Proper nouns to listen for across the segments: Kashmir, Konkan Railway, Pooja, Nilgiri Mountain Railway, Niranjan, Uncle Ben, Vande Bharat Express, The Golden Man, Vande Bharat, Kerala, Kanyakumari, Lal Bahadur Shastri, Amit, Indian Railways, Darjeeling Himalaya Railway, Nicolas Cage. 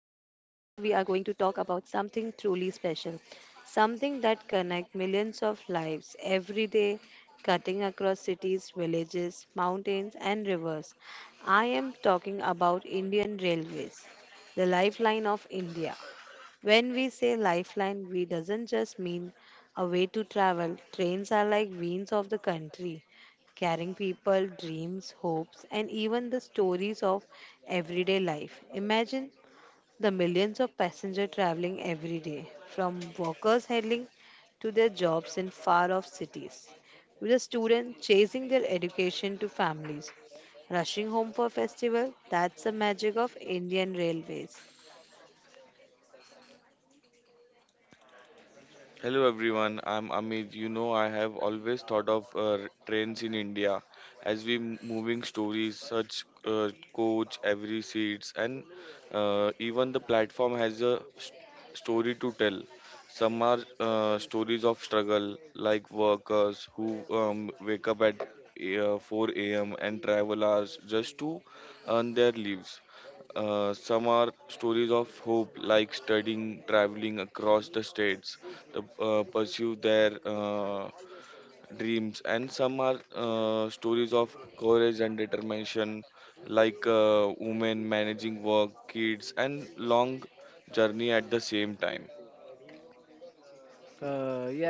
we are going to talk about something truly special, something that connects millions of lives every day, cutting across cities, villages, mountains, and rivers. I am talking about Indian Railways, the lifeline of India. When we say lifeline, we doesn't just mean a way to travel. Trains are like veins of the country, carrying people, dreams, hopes, and even the stories of everyday life. Imagine the millions of passengers traveling every day, from workers heading to their jobs in far off cities, to the students chasing their education to families rushing home for festival, that's the magic of Indian Railways. Hello everyone, I'm Amit. I have always thought of trains in India as moving stories, such coach, every seats, and even the platform has a story to tell. Some are stories of struggle, like workers who wake up at 4 a.m. and travel hours just to earn their lives. Some are stories of hope, like studying, traveling across the states to pursue their dreams, and some are stories of courage and determination, like women managing work, kids, and long journey at the same time. Yeah.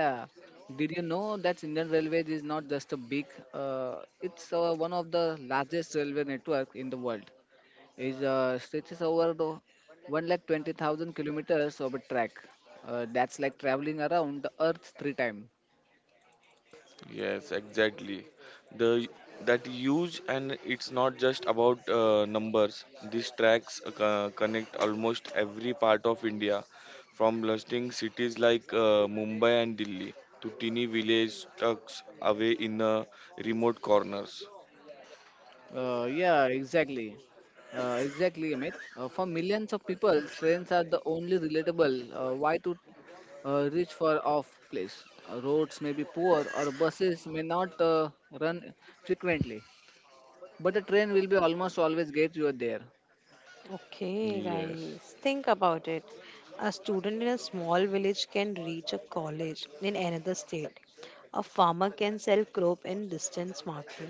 Did you know that Indian Railways is not just a big, it's one of the largest railway network in the world. It stretches over the 1,20,000 kilometers of a track. That's like traveling around the earth three times. Yes, exactly. The That huge, and it's not just about numbers. These tracks connect almost every part of India, from bustling cities like Mumbai and Delhi to teeny village tucked away in remote corners. Yeah, exactly. Exactly, Amit. For millions of people, trains are the only relatable why to reach for off place. Roads may be poor or buses may not run frequently, but a train will be almost always get you there. Okay, Yes. guys, think about it. A student in a small village can reach a college in another state. A farmer can sell crop in distance market.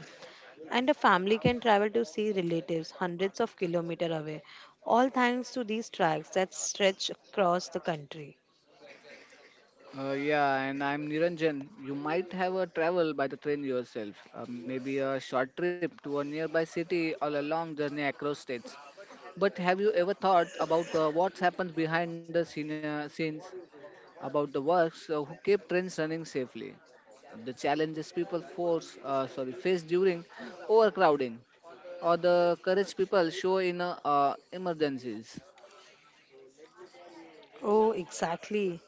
And a family can travel to see relatives hundreds of kilometers away. All thanks to these tracks that stretch across the country. Yeah, and I'm Niranjan. You might have a travel by the train yourself, maybe a short trip to a nearby city or a long journey across states. But have you ever thought about what's happened behind the scenes? About the works who keep trains running safely, the challenges people force sorry face during overcrowding, or the courage people show in emergencies. Oh, exactly,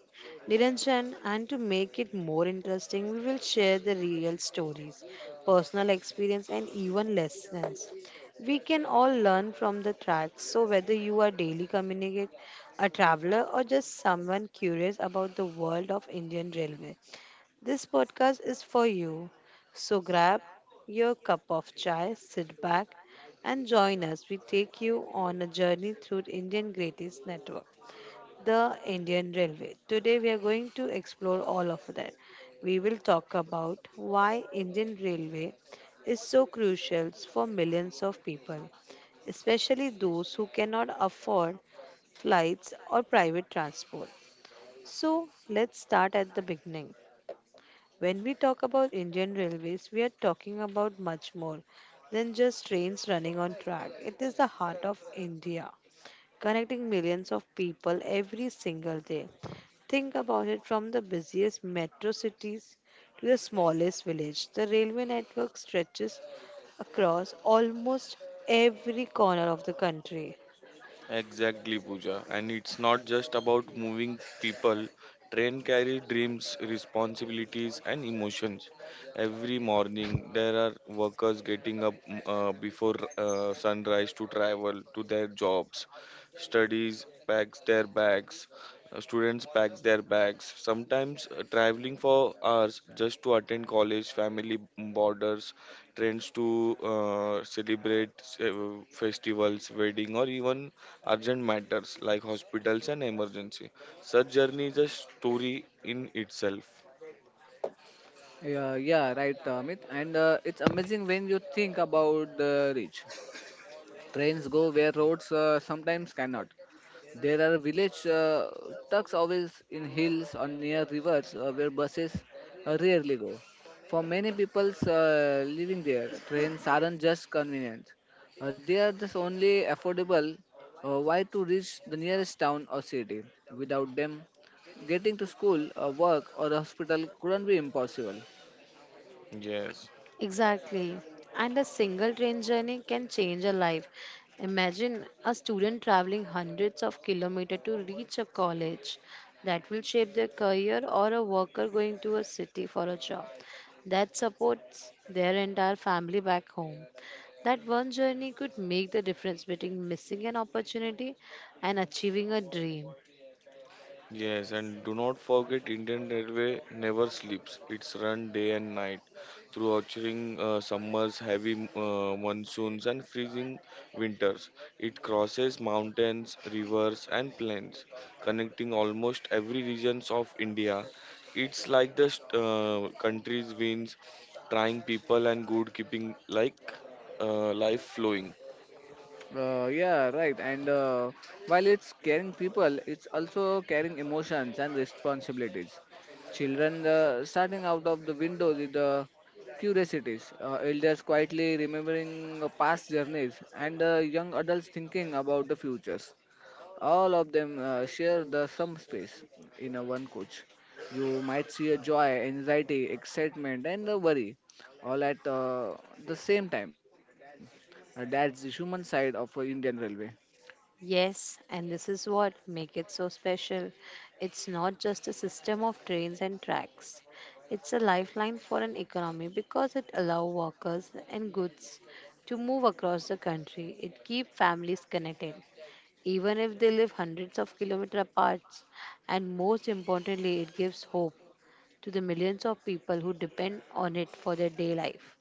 Niranjan, and to make it more interesting, we will share the real stories, personal experience, and even lessons. We can all learn from the tracks. So, whether you are daily communicate, a traveler, or just someone curious about the world of Indian Railway, this podcast is for you. So, grab your cup of chai, sit back, and join us. We take you on a journey through Indian Greatest Network, the Indian Railway. Today we are going to explore all of that. We will talk about why Indian Railway is so crucial for millions of people, especially those who cannot afford flights or private transport. So, let's start at the beginning. When we talk about Indian Railways, we are talking about much more than just trains running on track. It is the heart of India, connecting millions of people every single day. Think about it, from the busiest metro cities to the smallest village. The railway network stretches across almost every corner of the country. Exactly, Pooja. And it's not just about moving people. Train carry dreams, responsibilities, and emotions. Every morning, there are workers getting up before sunrise to travel to their jobs. Studies packs their bags. Students packs their bags. Sometimes traveling for hours just to attend college, family borders, trends to celebrate festivals, wedding, or even urgent matters like hospitals and emergency. Such journey is a story in itself. Yeah, yeah, right, Amit. And it's amazing when you think about the reach. Trains go where roads sometimes cannot. There are village tucks always in hills or near rivers where buses rarely go. For many people living there, trains aren't just convenient. They are just only affordable way to reach the nearest town or city. Without them, getting to school, work, or the hospital couldn't be impossible. Yes. Exactly. And a single train journey can change a life. Imagine a student traveling hundreds of kilometers to reach a college. That will shape their career, or a worker going to a city for a job. That supports their entire family back home. That one journey could make the difference between missing an opportunity and achieving a dream. Yes, and do not forget Indian Railway never sleeps. It's run day and night through orcharding summers, heavy monsoons, and freezing winters. It crosses mountains, rivers, and plains, connecting almost every regions of India. It's like the country's veins, trying people and good keeping like life flowing. Yeah, right. And while it's caring people, it's also caring emotions and responsibilities. Children starting out of the window with curiosities, elders quietly remembering past journeys, and young adults thinking about the futures. All of them share the some space in a one coach. You might see a joy, anxiety, excitement, and a worry all at the same time. That's the human side of Indian Railway. Yes, and this is what make it so special. It's not just a system of trains and tracks. It's a lifeline for an economy because it allows workers and goods to move across the country. It keeps families connected, even if they live hundreds of kilometers apart. And most importantly, it gives hope to the millions of people who depend on it for their day life.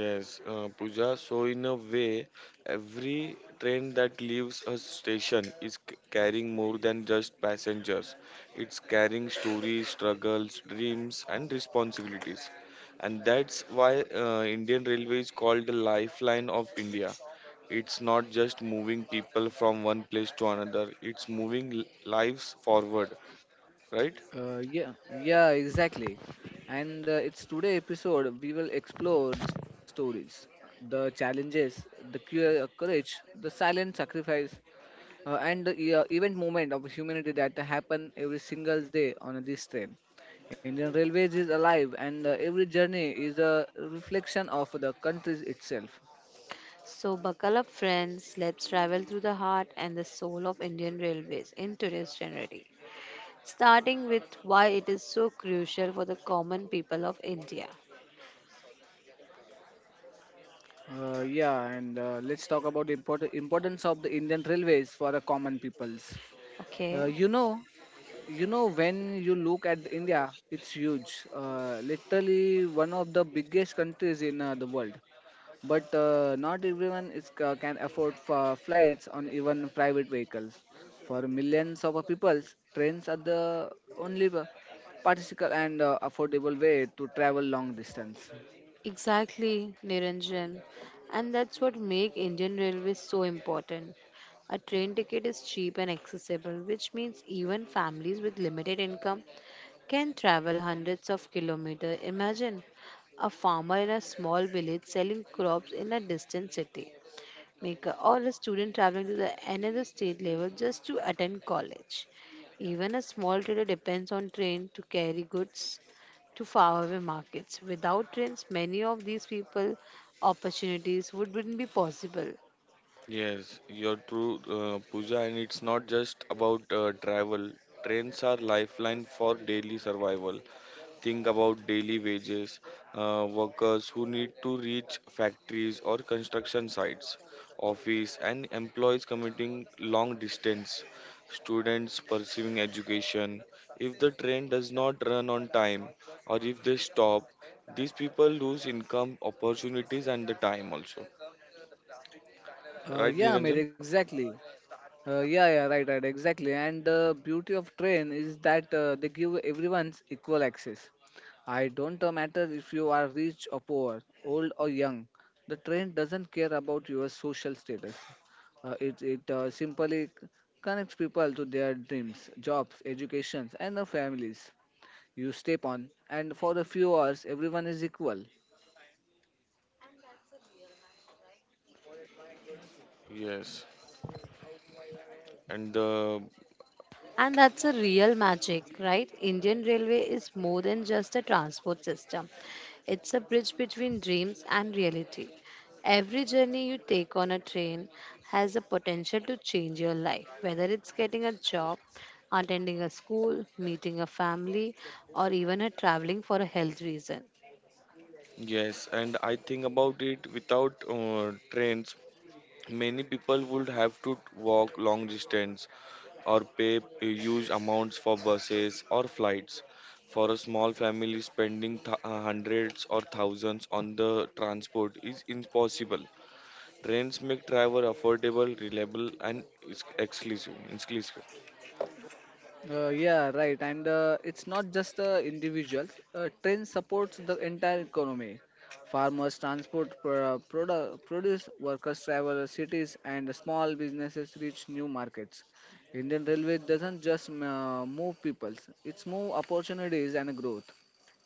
Yes, Pooja. So, in a way, every train that leaves a station is carrying more than just passengers. It's carrying stories, struggles, dreams, and responsibilities. And that's why Indian Railway is called the lifeline of India. It's not just moving people from one place to another, it's moving lives forward, right? Yeah, yeah, exactly. And it's today episode we will explore the stories, the challenges, the courage, the silent sacrifice, and the event movement of humanity that happen every single day on this train. Indian Railways is alive, and every journey is a reflection of the country itself. So, buckle up, friends. Let's travel through the heart and the soul of Indian Railways in today's January, starting with why it is so crucial for the common people of India. Yeah, and let's talk about the importance of the Indian Railways for the common peoples. Okay, You know, when you look at India, it's huge. Literally one of the biggest countries in the world. But not everyone is can afford for flights on even private vehicles. For millions of people, trains are the only practical and affordable way to travel long distance. exactly, Niranjan. And that's what make Indian Railways so important. A train ticket is cheap and accessible, which means even families with limited income can travel hundreds of kilometers. Imagine a farmer in a small village selling crops in a distant city. Maker or a student traveling to the another state level just to attend college. Even a small trader depends on train to carry goods to faraway markets. Without trains, many of these people opportunities wouldn't be possible. Yes, you're true, Pooja, and it's not just about travel. Trains are lifeline for daily survival. Think about daily wages, workers who need to reach factories or construction sites, office and employees commuting long distance, students pursuing education. If the train does not run on time, or if they stop, these people lose income opportunities and the time also. Right, Yeah, Amir, Niranjan? exactly. Yeah, yeah, right, right, exactly. And the beauty of train is that they give everyone's equal access. I don't matter if you are rich or poor, old or young. The train doesn't care about your social status. It simply connects people to their dreams, jobs, educations, and the families you step on. And for a few hours, everyone is equal. Yes. and And that's a real magic, right? Indian Railway is more than just a transport system. It's a bridge between dreams and reality. Every journey you take on a train has the potential to change your life, whether it's getting a job, attending a school, meeting a family, or even a traveling for a health reason. Yes, and I think about it. Without trains, many people would have to walk long distance or pay huge amounts for buses or flights. For a small family, spending hundreds or thousands on the transport is impossible. Trains make travel affordable, reliable, and exclusive, exclusive. Yeah, right. And it's not just individuals. Train supports the entire economy. Farmers transport produce, workers travel the cities, and the small businesses reach new markets. Indian Railway doesn't just move peoples; it's move opportunities and growth.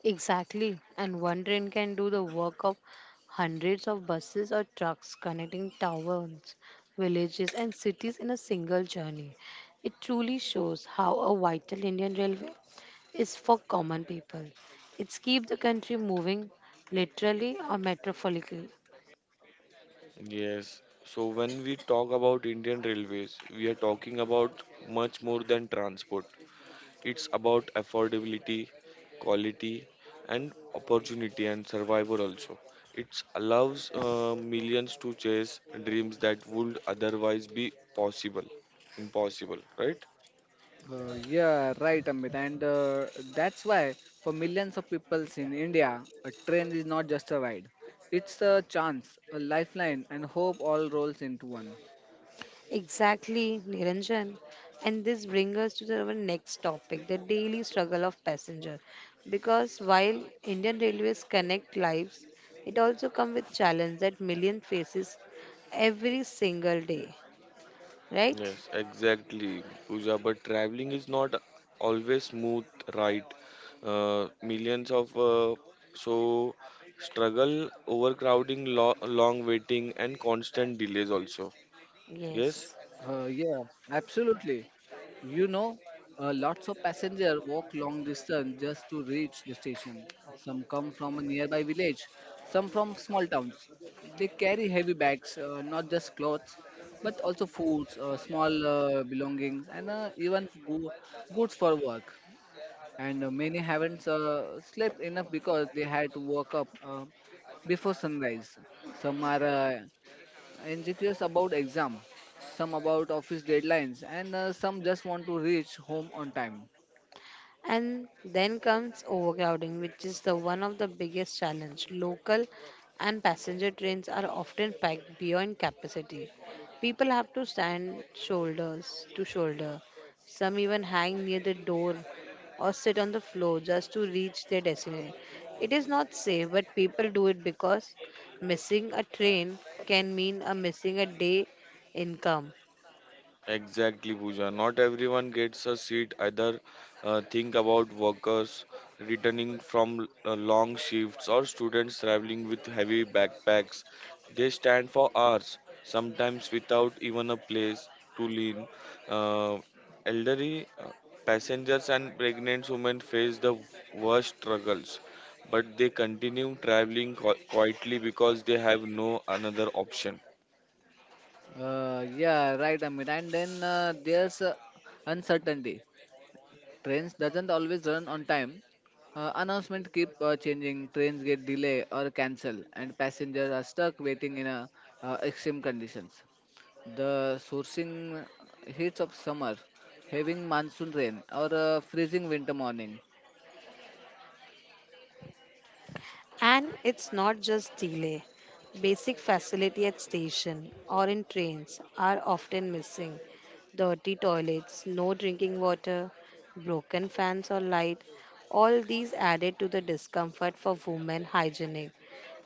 Exactly. And one train can do the work of hundreds of buses or trucks connecting towns, villages, and cities in a single journey. It truly shows how a vital Indian railway is for common people. It's keep the country moving, literally or metaphorically. Yes. So when we talk about Indian Railways, we are talking about much more than transport. It's about affordability, quality, and opportunity and survival also. It allows millions to chase dreams that would otherwise be possible. Impossible, right? Yeah, right, Amit. And that's why, for millions of peoples in India, a train is not just a ride. It's a chance, a lifeline, and hope all rolls into one. Exactly, Niranjan. And this brings us to our next topic, the daily struggle of passenger. Because while Indian Railways connect lives, it also comes with challenge that million faces every single day, right? Yes, exactly, Pooja. But traveling is not always smooth, right? Millions of so struggle, overcrowding, long waiting, and constant delays also. Yes. Yes. Yeah, absolutely. You know, lots of passengers walk long distance just to reach the station. Some come from a nearby village, some from small towns. They carry heavy bags, not just clothes, but also foods, small belongings, and even goods for work. And many haven't slept enough because they had to wake up before sunrise. Some are and curious about exam, some about office deadlines, and some just want to reach home on time. And then comes overcrowding, which is the one of the biggest challenge. Local and passenger trains are often packed beyond capacity. People have to stand shoulders to shoulder. Some even hang near the door or sit on the floor just to reach their destination. It is not safe, but people do it because missing a train can mean a missing a day income. Exactly, Pooja. Not everyone gets a seat either. Think about workers returning from long shifts or students traveling with heavy backpacks. They stand for hours, sometimes without even a place to lean. Uh, elderly passengers and pregnant women face the worst struggles, but they continue traveling quietly because they have no another option. Yeah, right, Amit. And then there's uncertainty. Trains doesn't always run on time. Announcements keep changing. Trains get delay or cancel, and passengers are stuck waiting in extreme conditions. The sourcing heats of summer, having monsoon rain, or freezing winter morning. And it's not just delay. Basic facility at station or in trains are often missing. Dirty toilets, no drinking water, broken fans or light, all these added to the discomfort. For women hygienic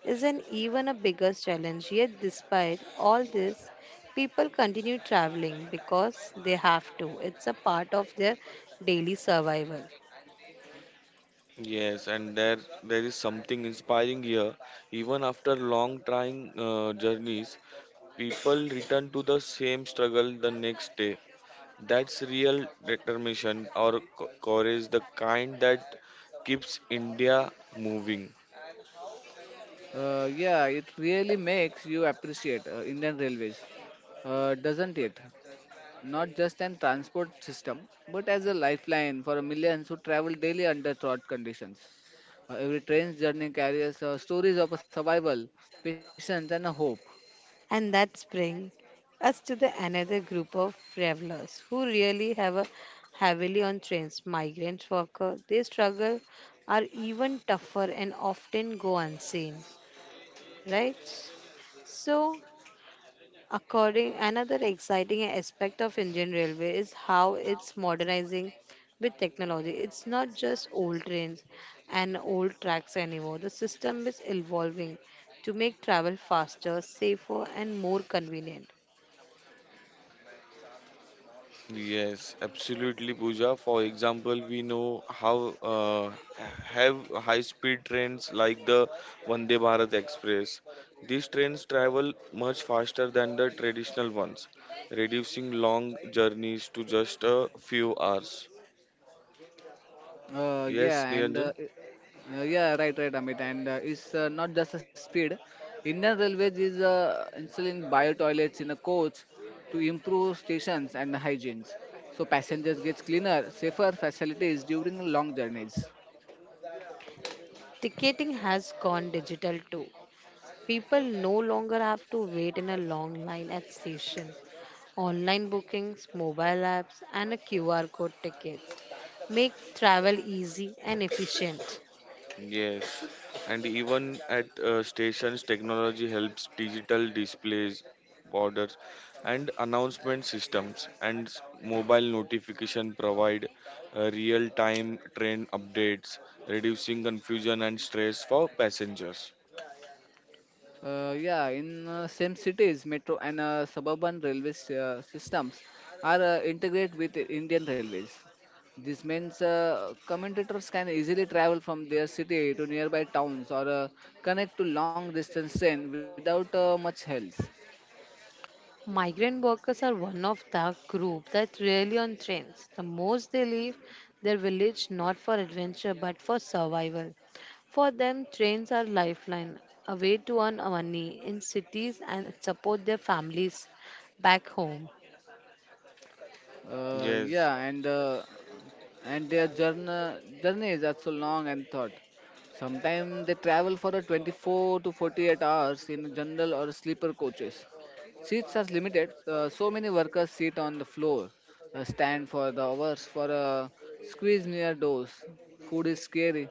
is an even a bigger challenge. Yet, despite all this, people continue traveling because they have to. It's a part of their daily survival. Yes, and there is something inspiring here. Even after long trying journeys, people return to the same struggle the next day. That's real determination or courage, the kind that keeps India moving. Yeah, it really makes you appreciate Indian Railways, doesn't it? Not just an transport system, but as a lifeline for millions who travel daily under fraught conditions. Every train's journey carries stories of a survival, patience, and a hope. And that brings us to the another group of travelers who really have a heavily on trains. Migrant workers, they struggle are even tougher and often go unseen, right? So, according another exciting aspect of Indian Railway is how it's modernizing with technology. It's not just old trains and old tracks anymore. The system is evolving to make travel faster, safer, and more convenient. Yes, absolutely, Pooja. For example, we know how have high-speed trains like the Vande Bharat Express. These trains travel much faster than the traditional ones, reducing long journeys to just a few hours. Yes, Yeah, and Niranjan? Yeah, right, right, Amit. And it's not just a speed. Indian Railways is installing bio toilets in a coach to improve stations and hygienes. So passengers gets cleaner, safer facilities during long journeys. Ticketing has gone digital too. People no longer have to wait in a long line at station. Online bookings, mobile apps and a QR code tickets make travel easy and efficient. Yes, and even at stations, technology helps: digital displays, orders, and announcement systems, and mobile notification provide real-time train updates, reducing confusion and stress for passengers. Yeah, in same cities, metro and suburban railway systems are integrated with Indian railways. This means commentators can easily travel from their city to nearby towns or connect to long distance train without much help. Migrant workers are one of the group that rarely on trains. The most they leave their village not for adventure but for survival. For them, trains are lifeline, a way to earn money in cities and support their families back home. Yes. Yeah, and their journey is also long and thought. Sometimes they travel for a 24 to 48 hours in general or sleeper coaches. Seats are limited. So many workers sit on the floor, stand for the hours for a squeeze near doors. Food is scary,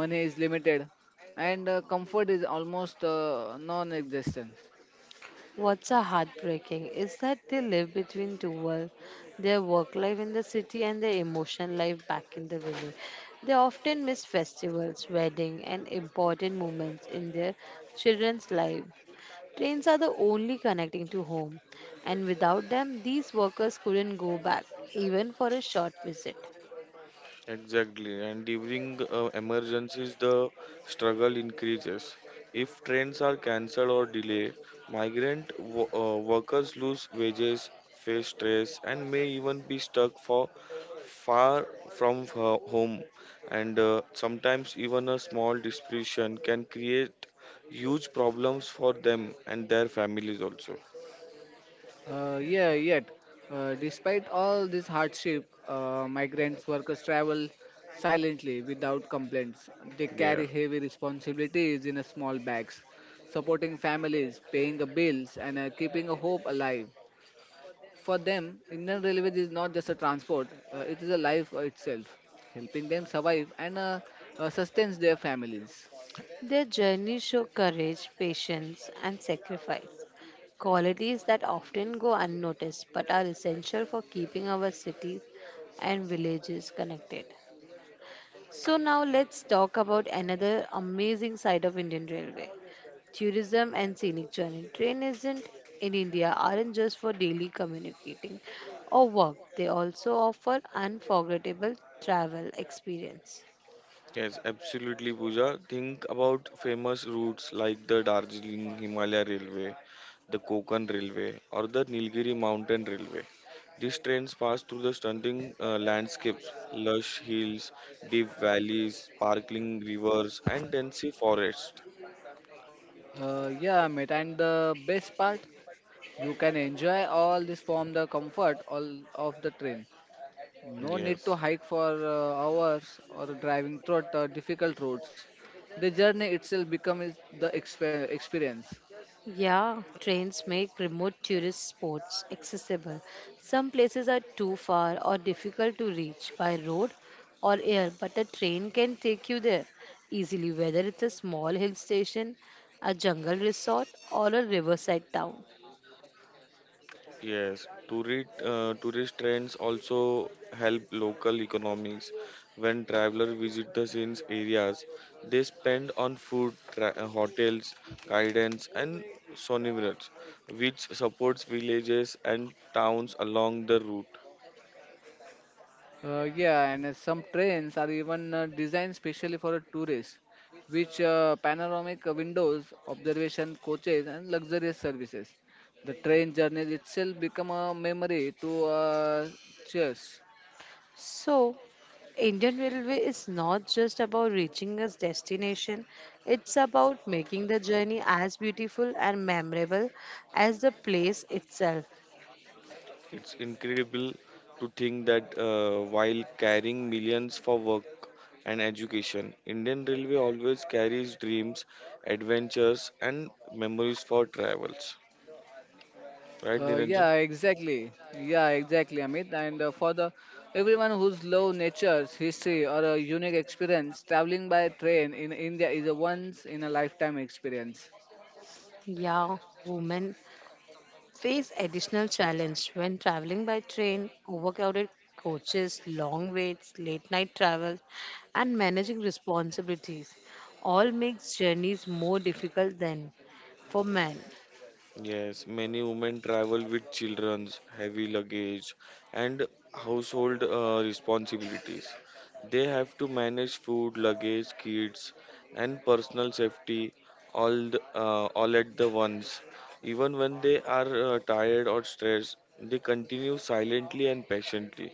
money is limited, and comfort is almost non-existent. What's a heartbreaking is that they live between two worlds, their work life in the city and their emotional life back in the village. They often miss festivals, weddings, and important moments in their children's life. Trains are the only connecting to home, and without them, these workers couldn't go back even for a short visit. Exactly, and during emergencies, the struggle increases. If trains are cancelled or delayed, migrant workers lose wages, face stress, and may even be stuck for far from home. And sometimes even a small disruption can create huge problems for them and their families also. Yeah, yet, despite all this hardship, migrants workers travel silently without complaints. They Yeah. carry heavy responsibilities in a small bags, supporting families, paying the bills, and keeping a hope alive. For them, Indian Railways is not just a transport; it is a life itself, helping them survive and sustains their families. Their journey show courage, patience, and sacrifice, qualities that often go unnoticed but are essential for keeping our cities and villages connected. So, now let's talk about another amazing side of Indian Railway, tourism and scenic journey. Train isn't in India aren't just for daily communicating or work, they also offer unforgettable travel experience. Yes, absolutely, Pooja. Think about famous routes like the Darjeeling Himalaya Railway, the Konkan Railway, or the Nilgiri Mountain Railway. These trains pass through the stunning landscapes, lush hills, deep valleys, sparkling rivers, and dense forests. Yeah, mate, and the best part? You can enjoy all this from the comfort all of the train. No need Yes. to hike for hours or driving through the difficult roads. The journey itself becomes the experience. Yeah, trains make remote tourist spots accessible. Some places are too far or difficult to reach by road or air, but a train can take you there easily, whether it's a small hill station, a jungle resort, or a riverside town. Yes, tourist trends also help local economics. When travelers visit the scenes areas, they spend on food, hotels, guidance, and souvenirs, which supports villages and towns along the route. Yeah, and some trains are even designed specially for a tourist, which panoramic windows, observation coaches, and luxurious services. The train journey itself become a memory to cherish. So, Indian Railway is not just about reaching a destination, it's about making the journey as beautiful and memorable as the place itself. It's incredible to think that while carrying millions for work and education, Indian Railway always carries dreams, adventures, and memories for travels. Right, Yeah, Niranjan? exactly. Yeah, exactly, Amit. And for the everyone who's love nature's history or a unique experience, traveling by train in India is a once in a lifetime experience. Yeah, women face additional challenge when traveling by train. Overcrowded coaches, long waits, late night travel, and managing responsibilities all makes journeys more difficult than for men. Yes, many women travel with children's heavy luggage and household responsibilities. They have to manage food, luggage, kids, and personal safety all at the once. Even when they are tired or stressed, they continue silently and patiently.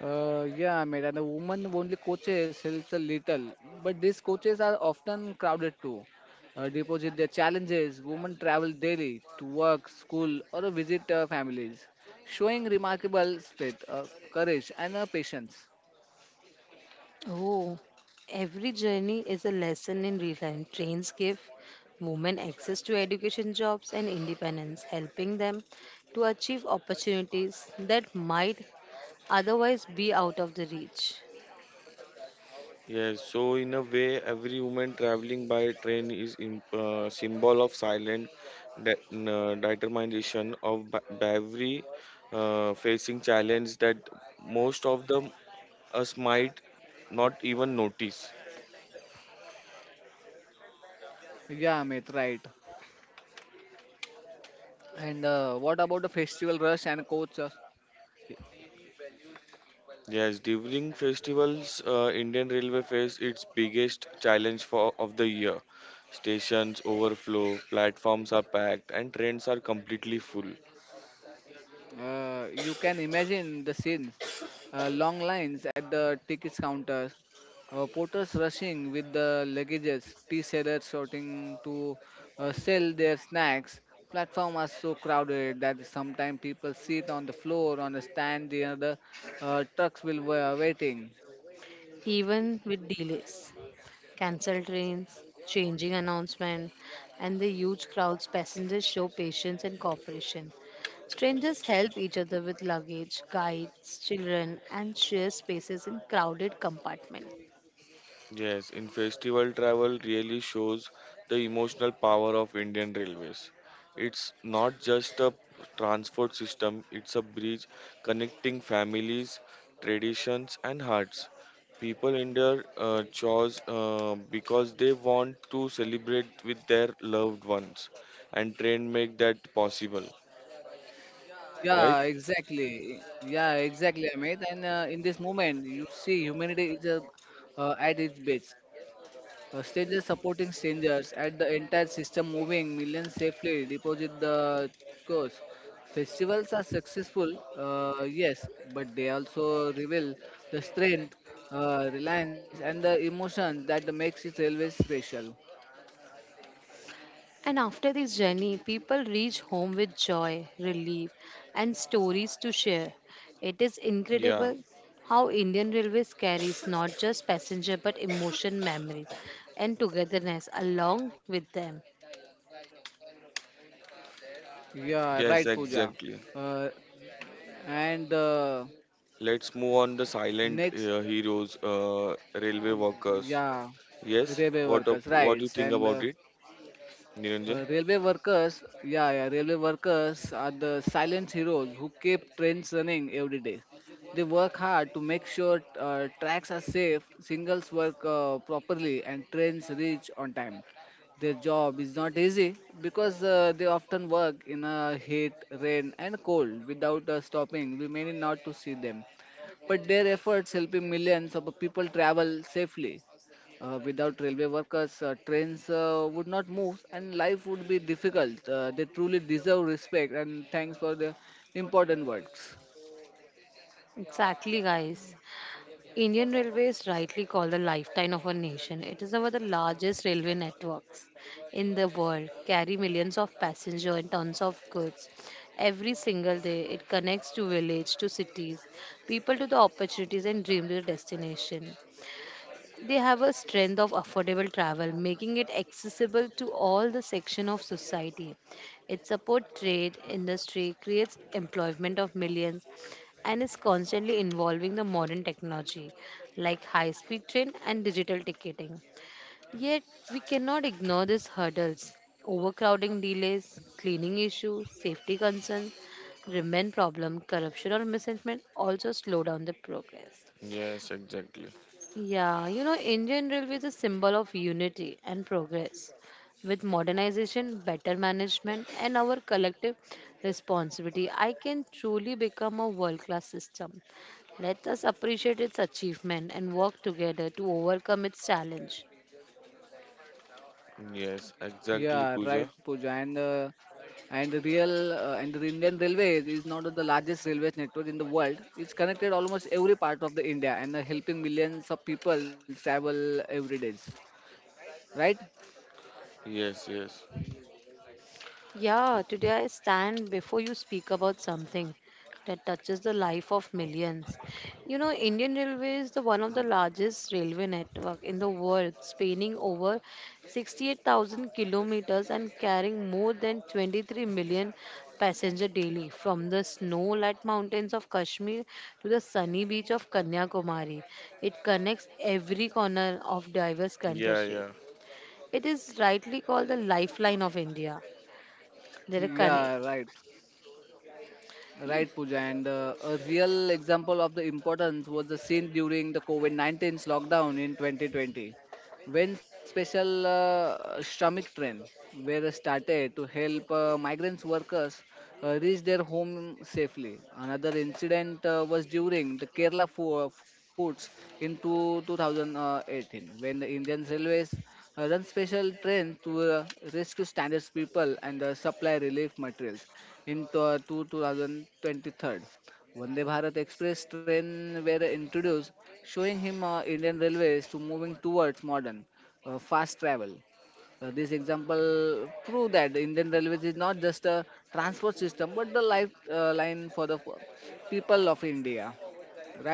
Yeah, Amit. And the woman only coaches helps a little, but these coaches are often crowded too. Deposit their challenges. Women travel daily to work, school, or visit families, showing remarkable strength, courage, and patience. Oh, every journey is a lesson in real time. Trains give women access to education, jobs, and independence, helping them to achieve opportunities that might otherwise be out of the reach, Yes, so in a way, every woman traveling by train is in, symbol of silent de- determination of bravery, facing challenge that most of them us might not even notice. Yeah, Amit. Right. And what about the festival rush and coach? Yes, during festivals, Indian Railway face its biggest challenge for of the year. Stations overflow, platforms are packed, and trains are completely full. You can imagine the scenes. Long lines at the tickets counters, porters rushing with the luggages, tea sellers sorting to sell their snacks. Platform are so crowded that sometimes people sit on the floor on the stand near the trucks will were waiting. even with delays. Cancelled trains, changing announcement, and the huge crowds, passengers show patience and cooperation. Strangers help each other with luggage, guides, children, and share spaces in crowded compartments. Yes, in festival travel really shows the emotional power of Indian Railways. It's not just a transport system, it's a bridge connecting families, traditions, and hearts. People in their chores because they want to celebrate with their loved ones, and train make that possible, right? Yeah, exactly. Yeah, exactly, Amit. And in this moment, you see humanity is at its best. Strangers supporting strangers, at the entire system moving millions safely deposit the course. Festivals are successful, yes, but they also reveal the strength, reliance, and the emotions that makes it railway special. And after this journey, people reach home with joy, relief, and stories to share. It is Yeah, incredible how Indian Railways carries not just passenger but emotion, memories, and togetherness along with them. Yeah, right, yes, Pooja. exactly. Uh, and Let's move on the silent next. Heroes, railway workers. Yeah, Yes. railway workers, What right. do you think and about it, Niranjan? Railway workers yeah yeah Railway workers are the silent heroes who keep trains running every day. They work hard to make sure tracks are safe, signals work properly, and trains reach on time. Their job is not easy because they often work in a heat, rain, and cold without stopping. We may not to see them, but their efforts helping millions of people travel safely. Without railway workers, trains would not move and life would be difficult. They truly deserve respect and thanks for the important works. Exactly, guys. Indian Railways rightly called the lifeline of a nation. It is one of the largest railway networks in the world, carry millions of passengers and tons of goods. Every single day, it connects to village, to cities, people to the opportunities and dream to the destination. They have a strength of affordable travel, making it accessible to all the section of society. It supports trade, industry, creates employment of millions, and is constantly involving the modern technology like high-speed train and digital ticketing. Yet we cannot ignore these hurdles. Overcrowding delays, cleaning issues, safety concerns, remain problem. Corruption or misinformation also slow down the progress. Yes, exactly. Yeah, you know, Indian Railway is a symbol of unity and progress. With modernization, better management, and our collective responsibility, I can truly become a world class system. Let us appreciate its achievement and work together to overcome its challenge. Yes. Yeah, Exactly, right, Pooja. Pooja. And the real and the Indian Railway is not the largest railway network in the world. It's connected almost every part of the India and helping millions of people travel every days. Right? Yes. Yes. Yeah, today I stand before you speak about something that touches the life of millions. You know, Indian Railway is the one of Um, the largest railway network in the world, spanning over 68,000 kilometers and carrying more than 23 million passenger daily, from the snow laden mountains of Kashmir to the sunny beach of Kanyakumari. It connects every corner of diverse Yeah, country. yeah. It is rightly called the lifeline of India. There are connect. Yeah, right. Right, Pooja, and a real example of the importance was the scene during the COVID 19's lockdown in 2020 when special stomach train were started to help migrants workers reach their home safely. Another incident was during the Kerala foods in 2018 when the Indian Railways run special trains to rescue standards people and supply relief materials in to 2023. Vande Bharat Express train were introduced, showing him Indian Railways to moving towards modern, fast travel. This example prove that Indian Railways is not just a transport system but the lifeline line for the people of India.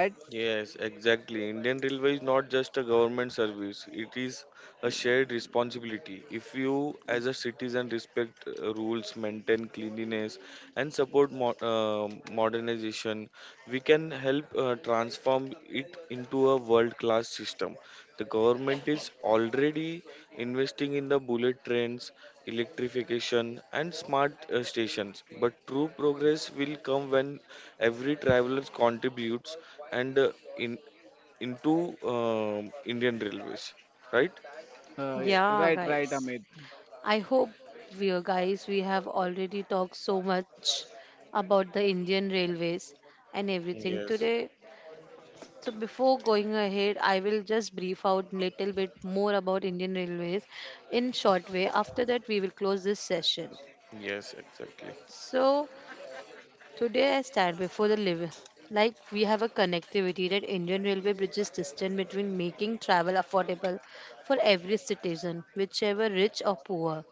Right? Yes, exactly. Indian Railway is not just a government service, it is a shared responsibility. If you, as a citizen, respect rules, maintain cleanliness, and support modernization, we can help transform it into a world class system. The government is already investing in the bullet trains, electrification, and smart stations, but true progress will come when every traveler contributes and in into Indian Railways, right? Uh, Yeah, right, right, guys. Amit. I hope, we are guys, we have already talked so much about the Indian railways and everything Yes. today. So before going ahead, I will just brief out little bit more about Indian railways in short way. After that, we will close this session. Yes, exactly. So today I stand before the living, like we have a connectivity that Indian railway bridges distance between, making travel affordable for every citizen, whichever rich or poor.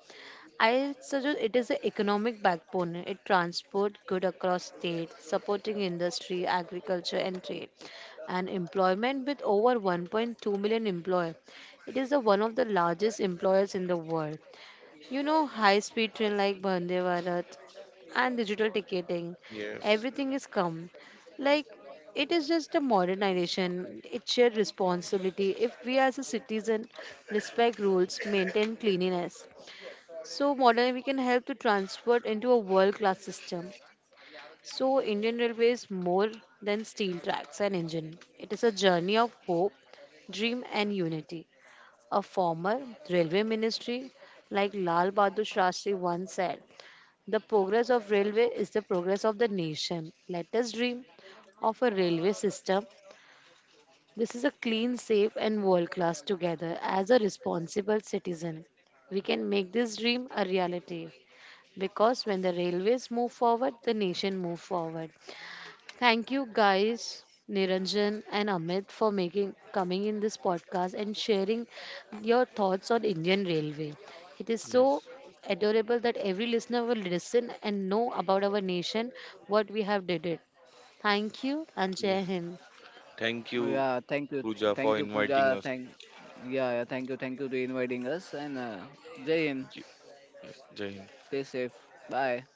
I suggest it is the economic backbone. It transports goods across states, supporting industry, agriculture and trade and employment with over 1.2 million employees. It is the one of the largest employers in the world. You know, high speed train like Vande Bharat and digital ticketing, Yes. everything is come. Like, it is just a modernization, it's shared responsibility. If we as a citizen respect rules, maintain cleanliness, so modern we can help to transport into a world class system. So, Indian Railways more than steel tracks and engine. It is a journey of hope, dream, and unity. A former railway ministry like Lal Bahadur Shastri once said, the progress of railway is the progress of the nation. Let us dream of a railway system. This is a clean, safe, and world class together. As a responsible citizen, we can make this dream a reality because when the railways move forward, the nation move forward. Thank you guys, Niranjan and Amit, for making coming in this podcast and sharing your thoughts on Indian Railway. It is Yes. so adorable that every listener will listen and know about our nation, what we have did it. Thank you and Jai Yes. Hind. Thank you, Yeah, Pooja, thank for you, inviting Pooja. us. Yeah, yeah, thank you to inviting us and Jai Hind. Ye- Yes, Jai Hind. Stay safe. Bye.